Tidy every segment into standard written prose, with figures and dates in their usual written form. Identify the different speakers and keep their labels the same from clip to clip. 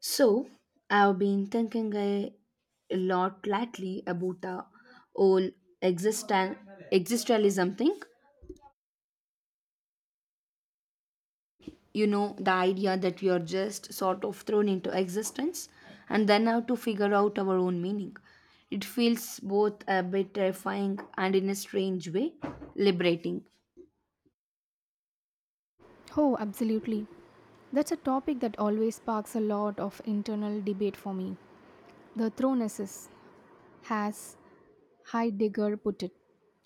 Speaker 1: So, I've been thinking a lot lately about the whole existen- existentialism thing. The idea that we are just sort of thrown into existence and then have to figure out our own meaning. It feels both a bit terrifying and, in a strange way, liberating.
Speaker 2: Oh, absolutely. That's a topic that always sparks a lot of internal debate for me. The thronesis, has Heidegger put it.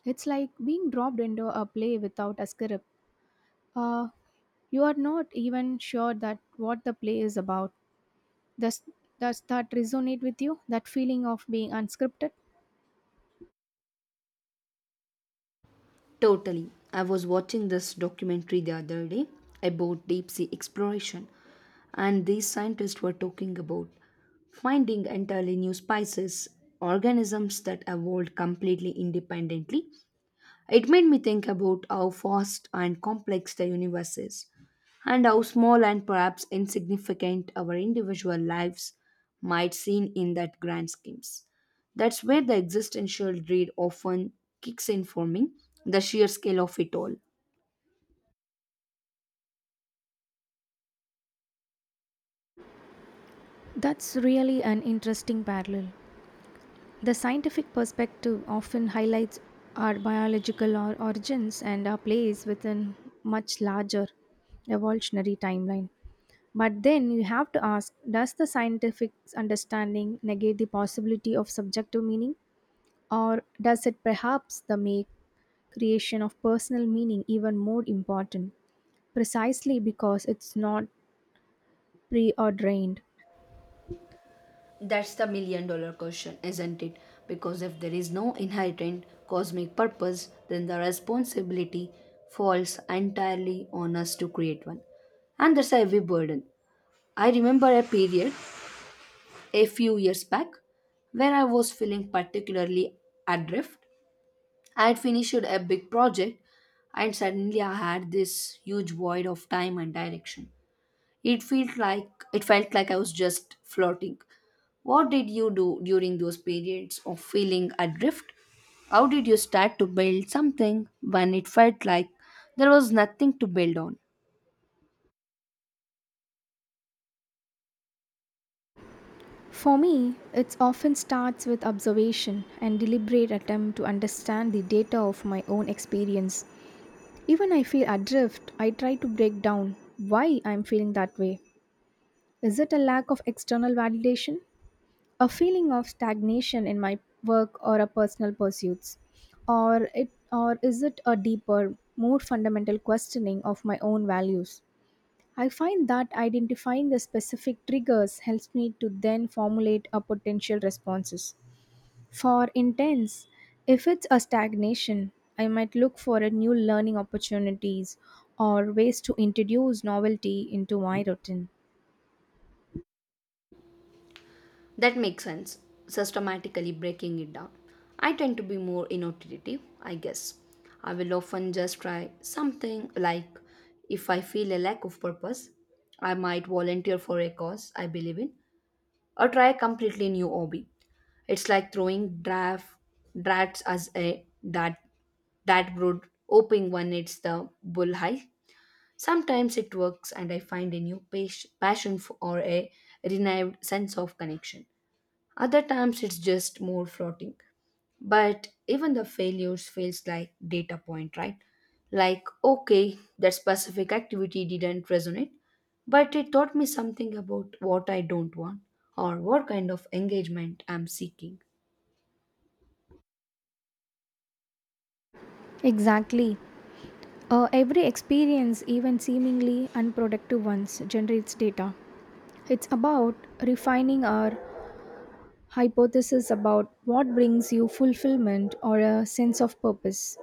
Speaker 2: It's like being dropped into a play without a script. Uh, you are not even sure that what the play is about. Does, does that resonate with you? That feeling of being unscripted?
Speaker 1: Totally. I was watching this documentary the other day about deep sea exploration, and these scientists were talking about finding entirely new species, organisms that evolved completely independently. It made me think about how vast and complex the universe is, and how small and perhaps insignificant our individual lives might seem in that grand schemes. That's where the existential dread often kicks in for me, the sheer scale of it all.
Speaker 2: That's really an interesting parallel. The scientific perspective often highlights our biological or origins and our place within much larger evolutionary timeline. But then you have to ask does the scientific understanding negate the possibility of subjective meaning or does it perhaps the make creation of personal meaning even more important precisely because it's not preordained.
Speaker 1: That's the million dollar question, isn't it? Because if there is no inherent cosmic purpose, then the responsibility falls entirely on us to create one. And that's a heavy burden. I remember a period a few years back where I was feeling particularly adrift. I had finished a big project and suddenly I had this huge void of time and direction. It felt like I was just floating. What did you do during those periods of feeling adrift? How did you start to build something when it felt like there was nothing to build on?
Speaker 2: For me, it often starts with observation and deliberate attempt to understand the data of my own experience. Even I feel adrift, I try to break down why I'm feeling that way. Is it a lack of external validation, a feeling of stagnation in my work or a personal pursuits, or it or is it a deeper, more fundamental questioning of my own values? I find that identifying the specific triggers helps me to then formulate a potential responses. For intense, if it's a stagnation, I might look for a new learning opportunities or ways to introduce novelty into my routine.
Speaker 1: That makes sense, systematically breaking it down. I tend to be more intuitive, I guess. I will often just try something like if I feel a lack of purpose, I might volunteer for a cause I believe in or try a completely new hobby. It's like throwing drafts as a that broad hoping one hits the bull high. Sometimes it works and I find a new passion for, or a renewed sense of connection. Other times it's just more floating. But even the failures feels like data point, right? Like, okay, that specific activity didn't resonate, but it taught me something about what I don't want or what kind of engagement I'm seeking.
Speaker 2: Exactly. Every experience, even seemingly unproductive ones, generates data. It's about refining our hypothesis about what brings you fulfillment or a sense of purpose.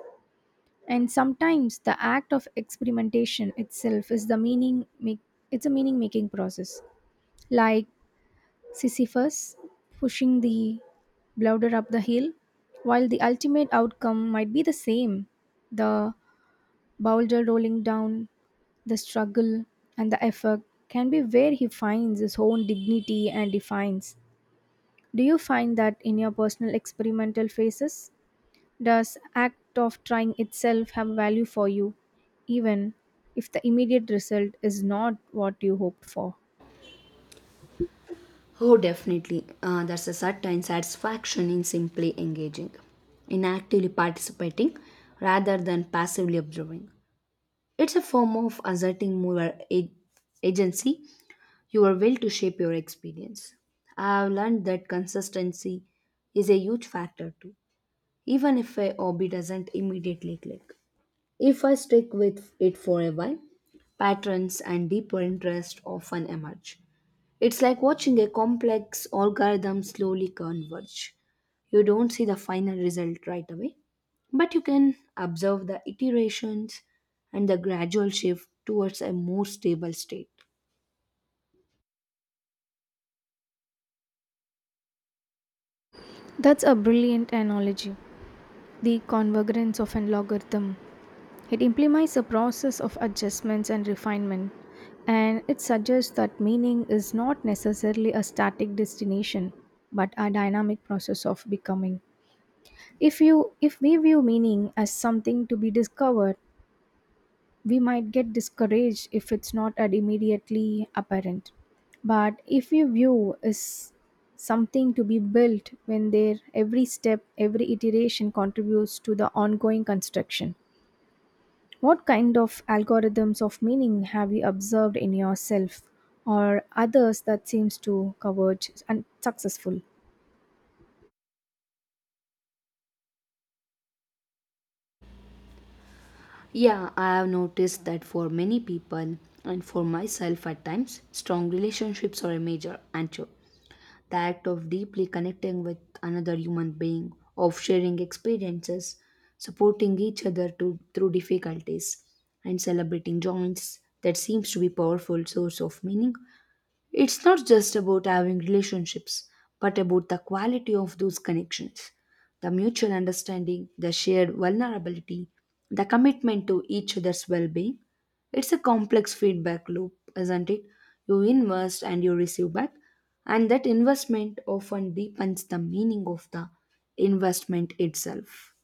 Speaker 2: And sometimes the act of experimentation itself is the meaning make, it's a meaning making process. Like Sisyphus pushing the boulder up the hill, while the ultimate outcome might be the same the boulder rolling down, the struggle, and the effort can be where he finds his own dignity and defines. Do you find that in your personal experimental phases? Does act of trying itself have value for you, even if the immediate result is not what you hoped for?
Speaker 1: Oh, definitely. There's a certain satisfaction in simply engaging, in actively participating rather than passively observing. It's a form of asserting more agency. You are will to shape your experience. I have learned that consistency is a huge factor too, even if a hobby doesn't immediately click. If I stick with it for a while, patterns and deeper interest often emerge. It's like watching a complex algorithm slowly converge. You don't see the final result right away, but you can observe the iterations and the gradual shift towards a more stable state.
Speaker 2: That's a brilliant analogy. The convergence of an logarithm. It implies a process of adjustments and refinement, and it suggests that meaning is not necessarily a static destination but a dynamic process of becoming. If you if we view meaning as something to be discovered, we might get discouraged if it's not at immediately apparent. But if we view is something to be built when their every step, every iteration contributes to the ongoing construction. What kind of algorithms of meaning have you observed in yourself or others that seems to converge and successful?
Speaker 1: Yeah, I have noticed that for many people and for myself at times, strong relationships are a major anchor. The act of deeply connecting with another human being, of sharing experiences, supporting each other to, through difficulties, and celebrating joys that seems to be powerful source of meaning. It's not just about having relationships, but about the quality of those connections, the mutual understanding, the shared vulnerability, the commitment to each other's well being. It's a complex feedback loop, isn't it? You invest and you receive back, and that investment often deepens the meaning of the investment itself.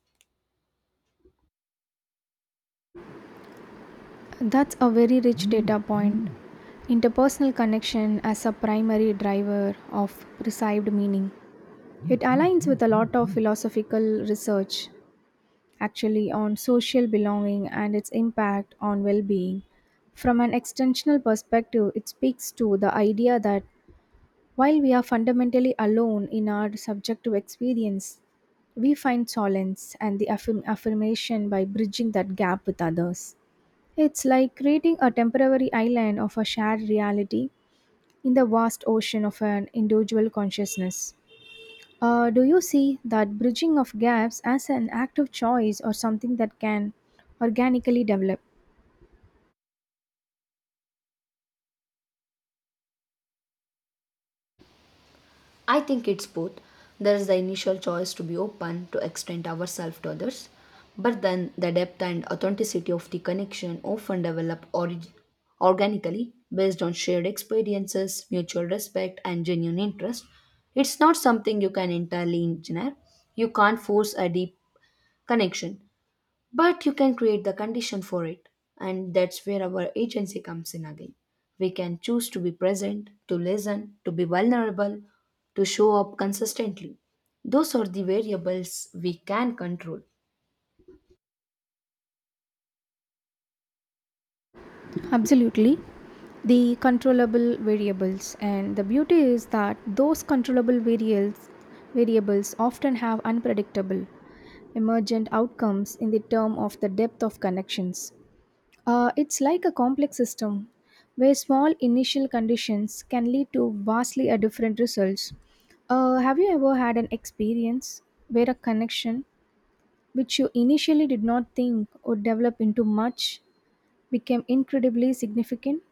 Speaker 2: That's a very rich data point. Interpersonal connection as a primary driver of perceived meaning. It aligns with a lot of philosophical research actually on social belonging and its impact on well-being. From an extensional perspective, it speaks to the idea that while we are fundamentally alone in our subjective experience, we find solace and the affirmation by bridging that gap with others. It's like creating a temporary island of a shared reality in the vast ocean of an individual consciousness. Do you see that bridging of gaps as an active choice or something that can organically develop?
Speaker 1: I think it's both. There is the initial choice to be open, to extend ourselves to others, but then the depth and authenticity of the connection often develop organically based on shared experiences, mutual respect, and genuine interest. It's not something you can entirely engineer. You can't force a deep connection, but you can create the condition for it, and that's where our agency comes in again. We can choose to be present, to listen, to be vulnerable, to show up consistently. Those are the variables we can control.
Speaker 2: Absolutely. The controllable variables and the beauty is that those controllable variables often have unpredictable emergent outcomes in the term of the depth of connections. It's like a complex system where small initial conditions can lead to vastly a different results. Have you ever had an experience where a connection which you initially did not think would develop into much became incredibly significant?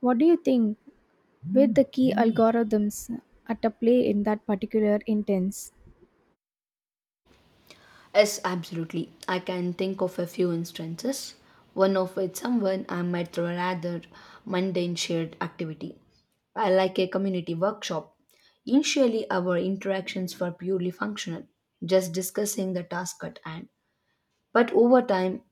Speaker 2: What do you think were the key algorithms at a play in that particular intense?
Speaker 1: Yes, absolutely, I can think of a few instances, one of which someone I met through a rather mundane shared activity, I like a community workshop. Initially, our interactions were purely functional, just discussing the task at hand. But over time,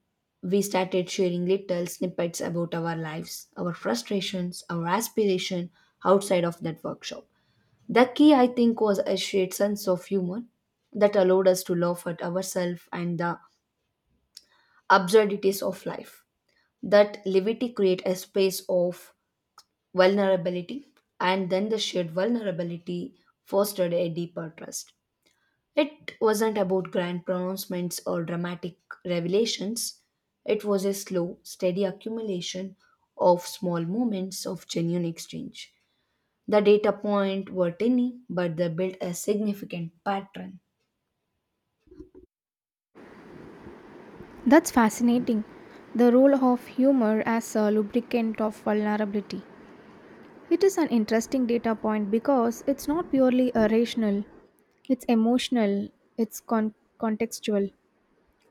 Speaker 1: we started sharing little snippets about our lives, our frustrations, our aspiration outside of that workshop. The key, I think, was a shared sense of humor that allowed us to laugh at ourselves and the absurdities of life. That levity create a space of vulnerability, and then the shared vulnerability fostered a deeper trust. It wasn't about grand pronouncements or dramatic revelations. It was a slow, steady accumulation of small moments of genuine exchange. The data point were tiny, but they built a significant pattern.
Speaker 2: That's fascinating. The role of humor as a lubricant of vulnerability. It is an interesting data point because it's not purely a rational, it's emotional, it's contextual.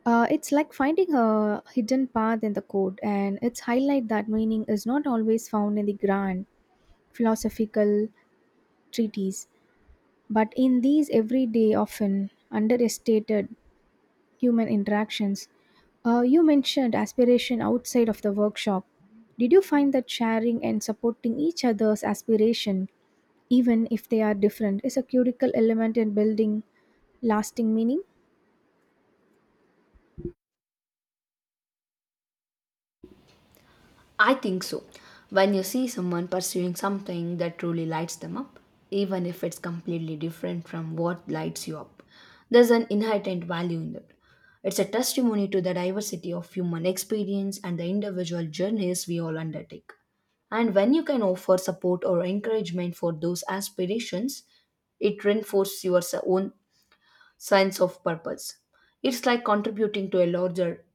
Speaker 2: It's like finding a hidden path in the code, and it's highlight that meaning is not always found in the grand philosophical treatise. But in these everyday, often underestimated human interactions, you mentioned aspiration outside of the workshop. Did you find that sharing and supporting each other's aspiration, even if they are different, is a critical element in building lasting meaning?
Speaker 1: I think so. When you see someone pursuing something that truly lights them up, even if it's completely different from what lights you up, there's an inherent value in that. It's a testimony to the diversity of human experience and the individual journeys we all undertake. And when you can offer support or encouragement for those aspirations, it reinforces your own sense of purpose. It's like contributing to a larger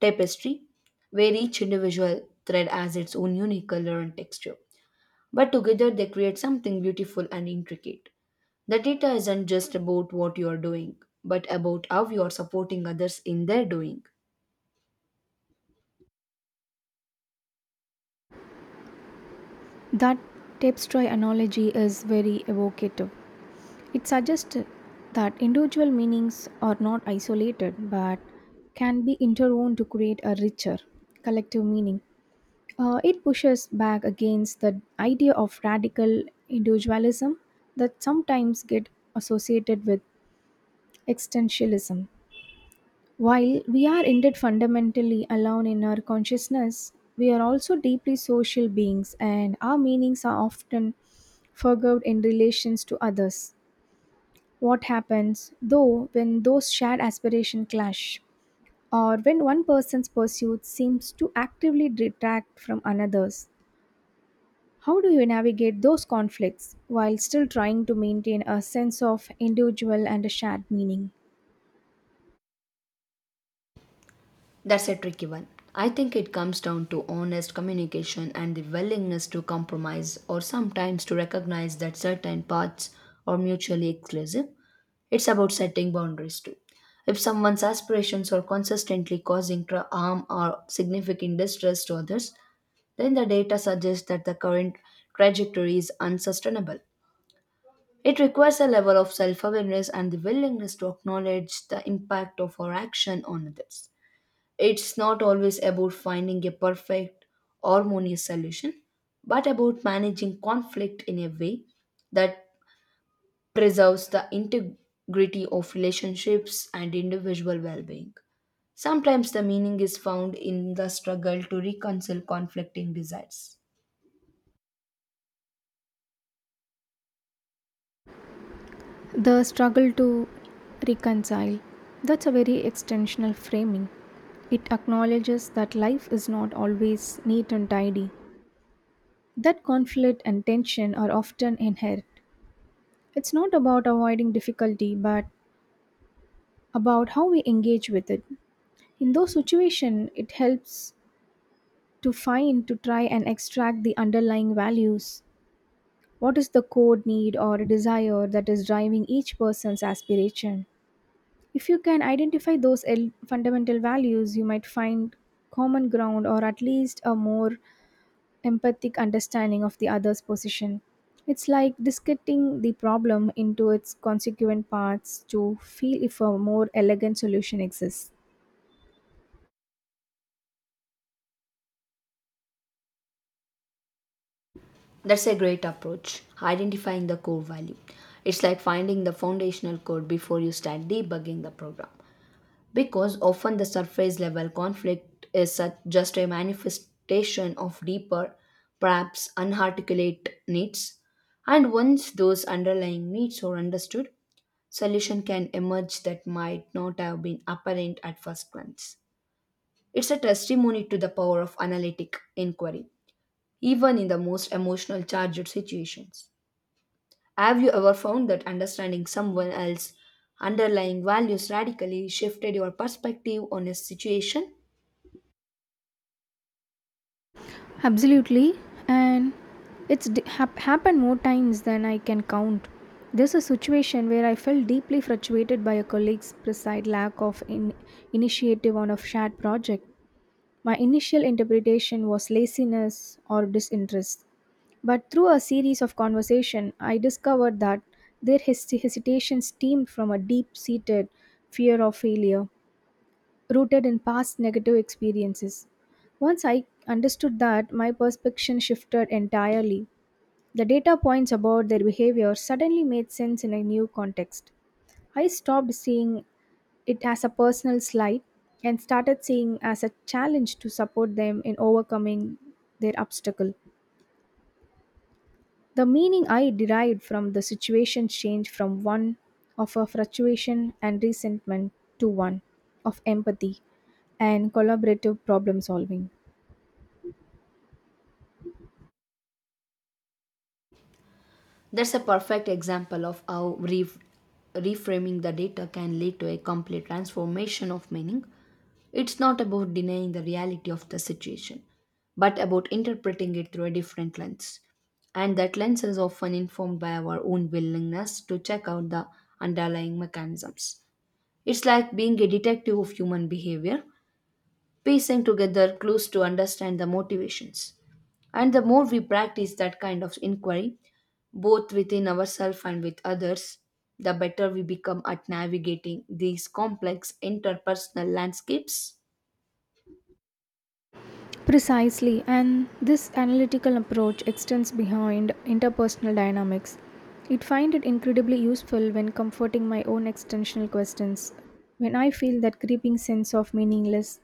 Speaker 1: tapestry, where each individual thread has its own unique color and texture. But together they create something beautiful and intricate. The data isn't just about what you are doing, but about how you are supporting others in their doing.
Speaker 2: That tapestry analogy is very evocative. It suggests that individual meanings are not isolated but can be interwoven to create a richer collective meaning. It pushes back against the idea of radical individualism that sometimes get associated with existentialism. While we are indeed fundamentally alone in our consciousness, we are also deeply social beings and our meanings are often forged in relations to others. What happens, though, when those shared aspirations clash, or when one person's pursuit seems to actively detract from another's? How do you navigate those conflicts while still trying to maintain a sense of individual and a shared meaning?
Speaker 1: That's a tricky one. I think it comes down to honest communication and the willingness to compromise or sometimes to recognize that certain paths are mutually exclusive. It's about setting boundaries too. If someone's aspirations are consistently causing harm or significant distress to others, then the data suggests that the current trajectory is unsustainable. It requires a level of self awareness and the willingness to acknowledge the impact of our action on others. It's not always about finding a perfect, harmonious solution, but about managing conflict in a way that preserves the integrity of relationships and individual well being. Sometimes the meaning is found in the struggle to reconcile conflicting desires.
Speaker 2: The struggle to reconcile. That's a very extensional framing. It acknowledges that life is not always neat and tidy, that conflict and tension are often inherent. It's not about avoiding difficulty, but about how we engage with it. In those situations, it helps to find, to try and extract the underlying values. What is the core need or desire that is driving each person's aspiration? If you can identify those fundamental values, you might find common ground or at least a more empathic understanding of the other's position. It's like discarding the problem into its consequent parts to feel if a more elegant solution exists.
Speaker 1: That's a great approach, identifying the core value. It's like finding the foundational code before you start debugging the program. Because often the surface level conflict is such just a manifestation of deeper, perhaps unarticulate needs. And once those underlying needs are understood, solution can emerge that might not have been apparent at first glance. It's a testimony to the power of analytic inquiry, even in the most emotional charged situations. Have you ever found that understanding someone else's underlying values radically shifted your perspective on a situation?
Speaker 2: Absolutely, and happened more times than I can count. There's a situation where I felt deeply frustrated by a colleague's precise lack of initiative on a shared project. My initial interpretation was laziness or disinterest, but through a series of conversation, I discovered that their hesitation stemmed from a deep-seated fear of failure rooted in past negative experiences. Once I understood that, my perception shifted entirely. The data points about their behavior suddenly made sense in a new context. I stopped seeing it as a personal slight and started seeing as a challenge to support them in overcoming their obstacle. The meaning I derived from the situation changed from one of a fluctuation and resentment to one of empathy and collaborative problem solving.
Speaker 1: That's a perfect example of how reframing the data can lead to a complete transformation of meaning. It's not about denying the reality of the situation, but about interpreting it through a different lens. And that lens is often informed by our own willingness to check out the underlying mechanisms. It's like being a detective of human behavior, piecing together clues to understand the motivations. And the more we practice that kind of inquiry, both within ourselves and with others, the better we become at navigating these complex interpersonal landscapes.
Speaker 2: Precisely, and this analytical approach extends beyond interpersonal dynamics. It find it incredibly useful when comforting my own existential questions. When I feel that creeping sense of meaningless,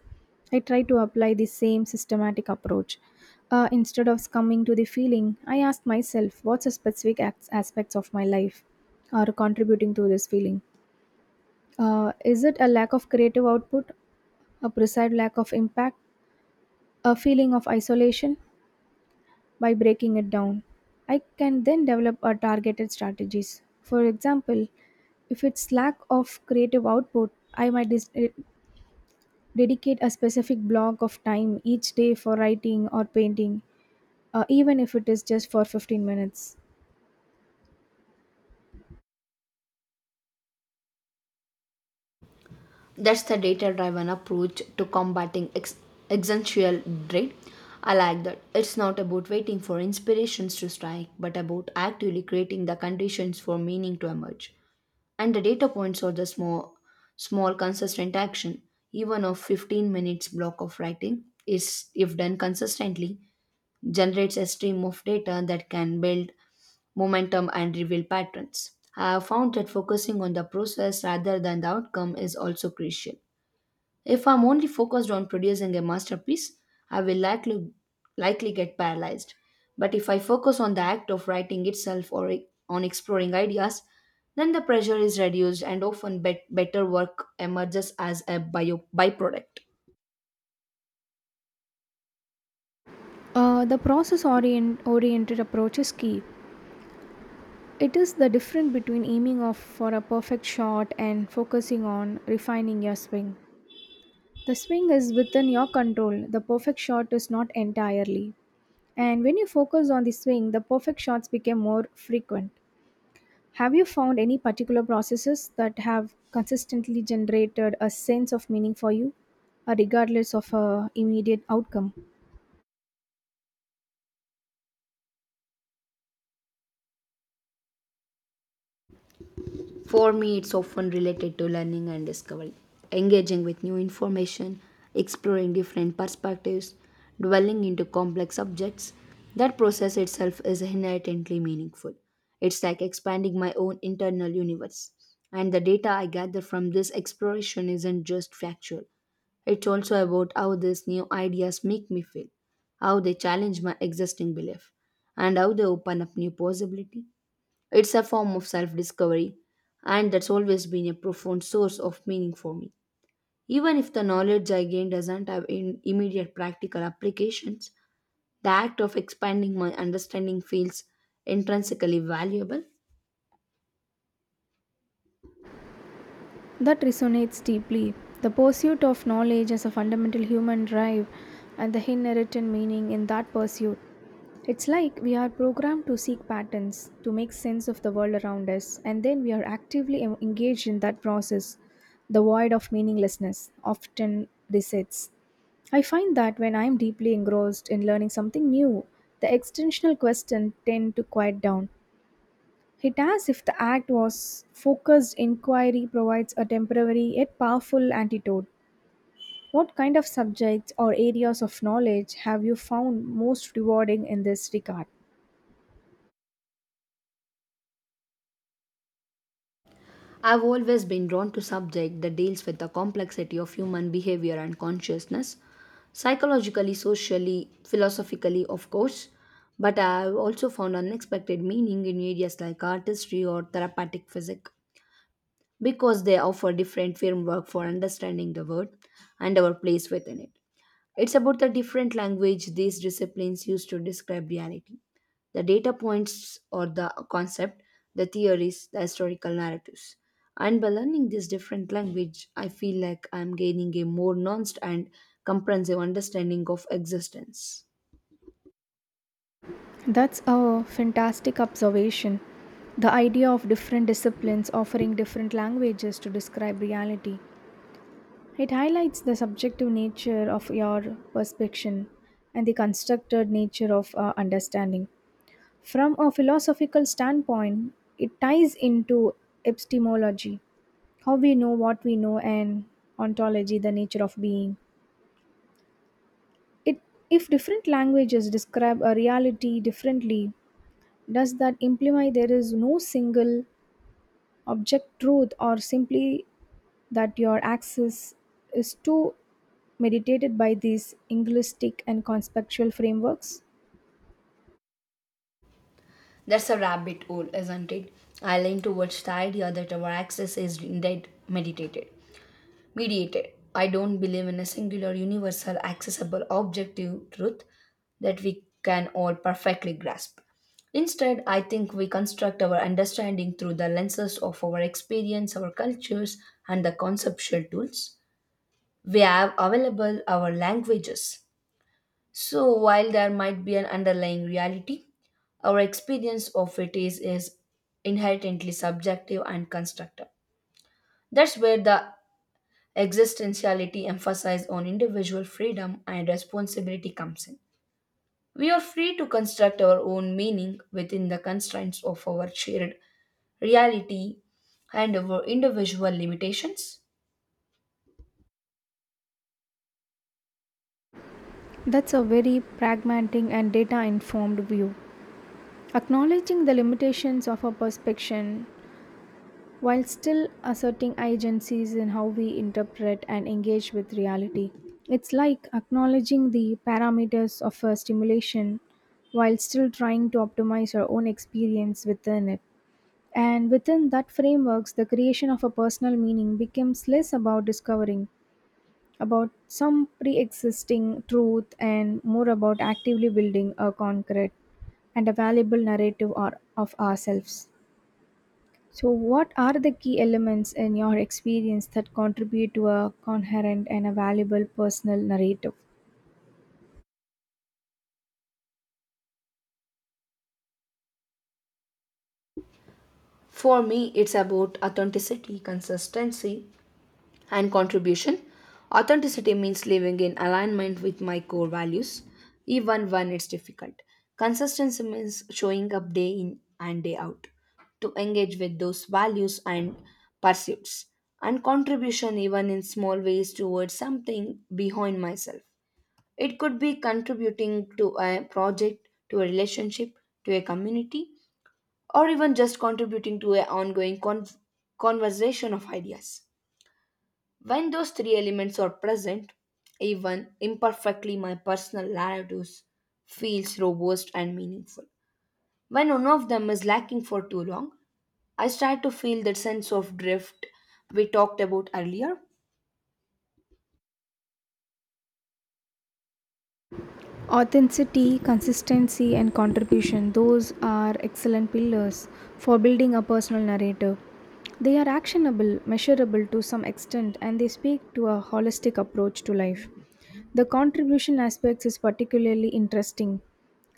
Speaker 2: I try to apply the same systematic approach. Instead of succumbing to the feeling, I ask myself, what's the specific aspects of my life are contributing to this feeling? Is it a lack of creative output, a perceived lack of impact, a feeling of isolation? By breaking it down. I can then develop a targeted strategies. For example, if it's lack of creative output, I might dedicate a specific block of time each day for writing or painting, even if it is just for 15 minutes.
Speaker 1: That's the data driven approach to combating existential dread. I like that. It's not about waiting for inspirations to strike, but about actively creating the conditions for meaning to emerge. And the data points are the small consistent action. Even a 15 minutes block of writing is, if done consistently, generates a stream of data that can build momentum and reveal patterns. I have found that focusing on the process rather than the outcome is also crucial. If I'm only focused on producing a masterpiece, I will likely get paralyzed. But if I focus on the act of writing itself or on exploring ideas, then the pressure is reduced and often better work emerges as a byproduct.
Speaker 2: The process oriented approach is key. It is the difference between aiming off for a perfect shot and focusing on refining your swing. The swing is within your control. The perfect shot is not entirely. And when you focus on the swing, the perfect shots became more frequent. Have you found any particular processes that have consistently generated a sense of meaning for you, regardless of a immediate outcome?
Speaker 1: For me, it's often related to learning and discovery, engaging with new information, exploring different perspectives, dwelling into complex subjects. That process itself is inherently meaningful. It's like expanding my own internal universe. And the data I gather from this exploration isn't just factual, it's also about how these new ideas make me feel, how they challenge my existing belief, and how they open up new possibility. It's a form of self discovery, and that's always been a profound source of meaning for me. Even if the knowledge I gain doesn't have in immediate practical applications, the act of expanding my understanding feels intrinsically valuable.
Speaker 2: That resonates deeply. The pursuit of knowledge as a fundamental human drive and the inherent meaning in that pursuit. It's like we are programmed to seek patterns, to make sense of the world around us, and then we are actively engaged in that process. The void of meaninglessness often besets. I find that when I am deeply engrossed in learning something new, the existential question tend to quiet down. It as if the act was focused inquiry provides a temporary yet powerful antidote. What kind of subjects or areas of knowledge have you found most rewarding in this regard?
Speaker 1: I've always been drawn to subject that deals with the complexity of human behavior and consciousness, psychologically, socially, philosophically, of course, but I've also found unexpected meaning in areas like artistry or therapeutic physics. Because they offer different framework for understanding the world and our place within it. It's about the different language these disciplines use to describe reality, the data points or the concept, the theories, the historical narratives. And by learning this different language, I feel like I'm gaining a more nuanced and comprehensive understanding of existence.
Speaker 2: That's a fantastic observation. The idea of different disciplines offering different languages to describe reality. It highlights the subjective nature of your perception and the constructed nature of understanding. From a philosophical standpoint, it ties into epistemology, how we know what we know, and ontology, the nature of being. It, if different languages describe a reality differently, does that imply there is no single object truth or simply that your access is too mediated by these Englistic and conceptual frameworks?
Speaker 1: That's a rabbit hole, isn't it? I lean towards the idea that our access is indeed meditated. Mediated. I don't believe in a singular, universal, accessible, objective truth that we can all perfectly grasp. Instead, I think we construct our understanding through the lenses of our experience, our cultures, and the conceptual tools we have available, our languages. So, while there might be an underlying reality, our experience of it is inherently subjective and constructive. That's where the existentiality emphasis on individual freedom and responsibility comes in. We are free to construct our own meaning within the constraints of our shared reality and our individual limitations.
Speaker 2: That's a very pragmatic and data informed view. Acknowledging the limitations of our perception while still asserting agencies in how we interpret and engage with reality. It's like acknowledging the parameters of a stimulation while still trying to optimize our own experience within it. And within that frameworks, the creation of a personal meaning becomes less about discovering about some pre-existing truth and more about actively building a concrete and a valuable narrative or of ourselves. So what are the key elements in your experience that contribute to a coherent and a valuable personal narrative?
Speaker 1: For me, it's about authenticity, consistency, and contribution. Authenticity means living in alignment with my core values, even when it's difficult. Consistency means showing up day in and day out to engage with those values and pursuits, and contribution, even in small ways, towards something behind myself. It could be contributing to a project, to a relationship, to a community, or even just contributing to an ongoing conversation of ideas. When those three elements are present, even imperfectly, my personal narratives feels robust and meaningful. When one of them is lacking for too long, I start to feel that sense of drift we talked about earlier.
Speaker 2: Authenticity, consistency, and contribution, those are excellent pillars for building a personal narrative. They are actionable, measurable to some extent, and they speak to a holistic approach to life. The contribution aspect is particularly interesting.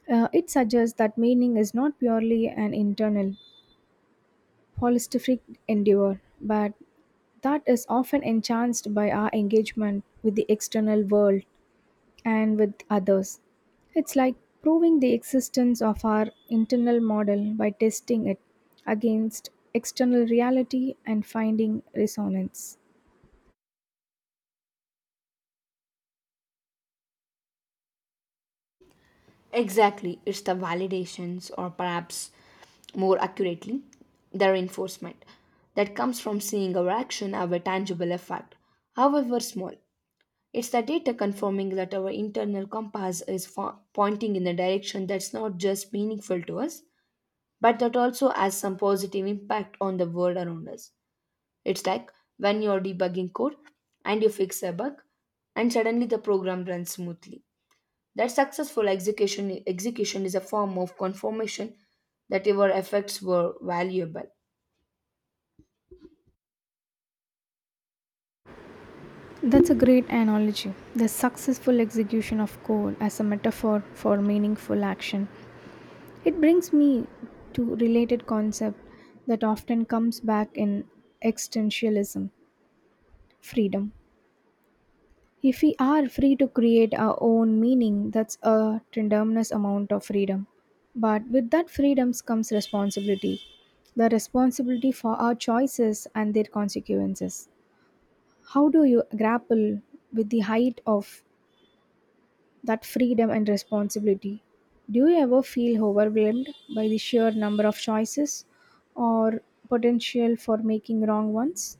Speaker 2: It suggests that meaning is not purely an internal, holistic endeavor, but that is often enhanced by our engagement with the external world and with others. It's like proving the existence of our internal model by testing it against external reality and finding resonance.
Speaker 1: Exactly, it's the validations, or perhaps more accurately, the reinforcement that comes from seeing our action have a tangible effect, however small. It's the data confirming that our internal compass is pointing in a direction that's not just meaningful to us, but that also has some positive impact on the world around us. It's like when you're debugging code and you fix a bug, and suddenly the program runs smoothly. That successful execution is a form of confirmation that your efforts were valuable.
Speaker 2: That's a great analogy. The successful execution of goal as a metaphor for meaningful action. It brings me to related concept that often comes back in existentialism, freedom. If we are free to create our own meaning, that's a tremendous amount of freedom. But with that freedom comes responsibility the responsibility for our choices and their consequences. How do you grapple with the height of that freedom and responsibility? Do you ever feel overwhelmed by the sheer number of choices or potential for making wrong ones?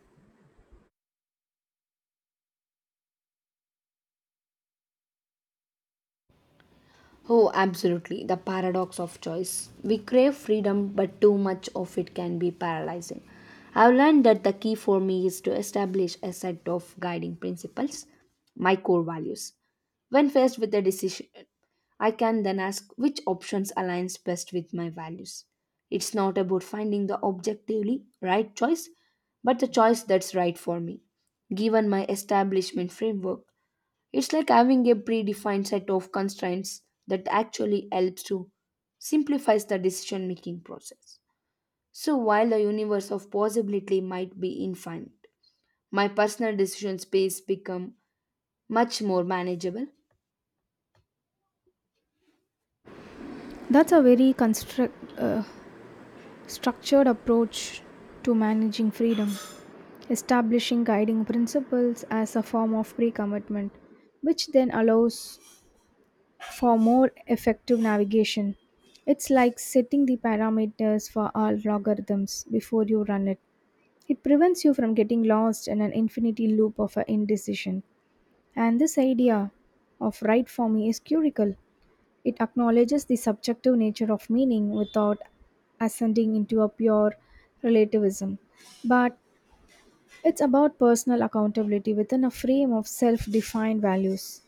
Speaker 1: Oh, absolutely. The paradox of choice. We crave freedom, but too much of it can be paralyzing. I've learned that the key for me is to establish a set of guiding principles, my core values. When faced with a decision, I can then ask which options aligns best with my values. It's not about finding the objectively right choice, but the choice that's right for me. Given my establishment framework, it's like having a predefined set of constraints that actually helps to simplifies the decision making process. So while the universe of possibility might be infinite, my personal decision space become much more manageable.
Speaker 2: That's a very structured approach to managing freedom, establishing guiding principles as a form of pre commitment, which then allows for more effective navigation. It's like setting the parameters for all logarithms before you run it. It prevents you from getting lost in an infinity loop of indecision. And this idea of right for me is curical it acknowledges the subjective nature of meaning without ascending into a pure relativism. But it's about personal accountability within a frame of self defined values.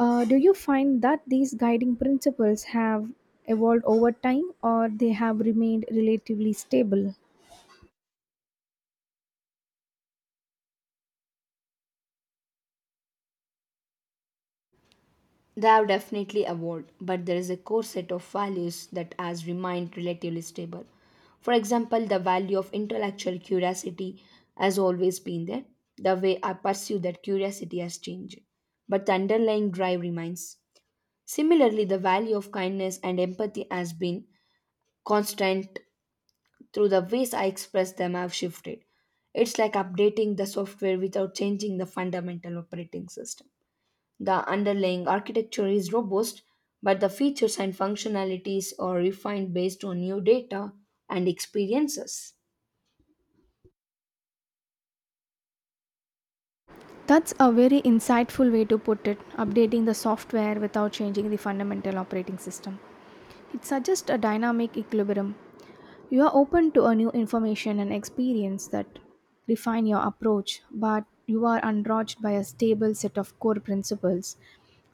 Speaker 2: Do you find that these guiding principles have evolved over time or they have remained relatively stable?
Speaker 1: They have definitely evolved, but there is a core set of values that has remained relatively stable. For example, the value of intellectual curiosity has always been there. The way I pursue that curiosity has changed, but the underlying drive remains. Similarly, the value of kindness and empathy has been constant through the ways I express them have shifted. It's like updating the software without changing the fundamental operating system. The underlying architecture is robust, but the features and functionalities are refined based on new data and experiences.
Speaker 2: That's a very insightful way to put it, updating the software without changing the fundamental operating system. It suggests a dynamic equilibrium. You are open to a new information and experience that refine your approach, but you are unrocked by a stable set of core principles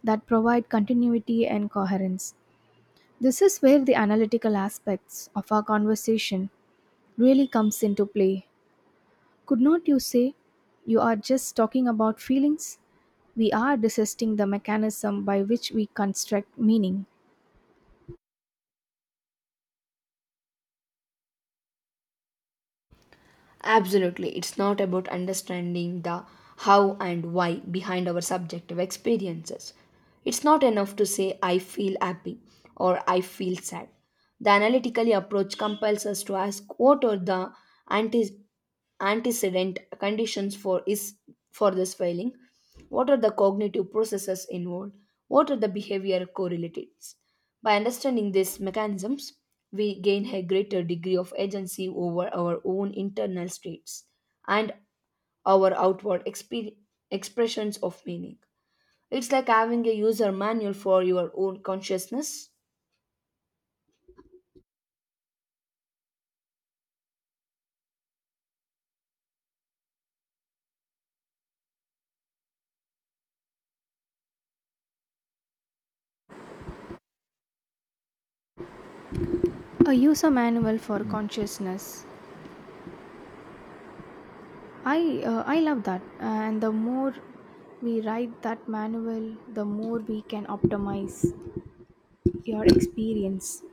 Speaker 2: that provide continuity and coherence. This is where the analytical aspects of our conversation really comes into play could not you say, you are just talking about feelings? We are dissecting the mechanism by which we construct meaning.
Speaker 1: Absolutely, it's not about understanding the how and why behind our subjective experiences. It's not enough to say, I feel happy or I feel sad. The analytical approach compels us to ask, what are the anti- antecedent conditions for is for this failing, what are the cognitive processes involved, what are the behavior correlatives? By understanding these mechanisms, we gain a greater degree of agency over our own internal states and our expressions of meaning. It's like having a user manual for your own consciousness.
Speaker 2: A user manual for consciousness. I love that. And the more we write that manual, the more we can optimize your experience.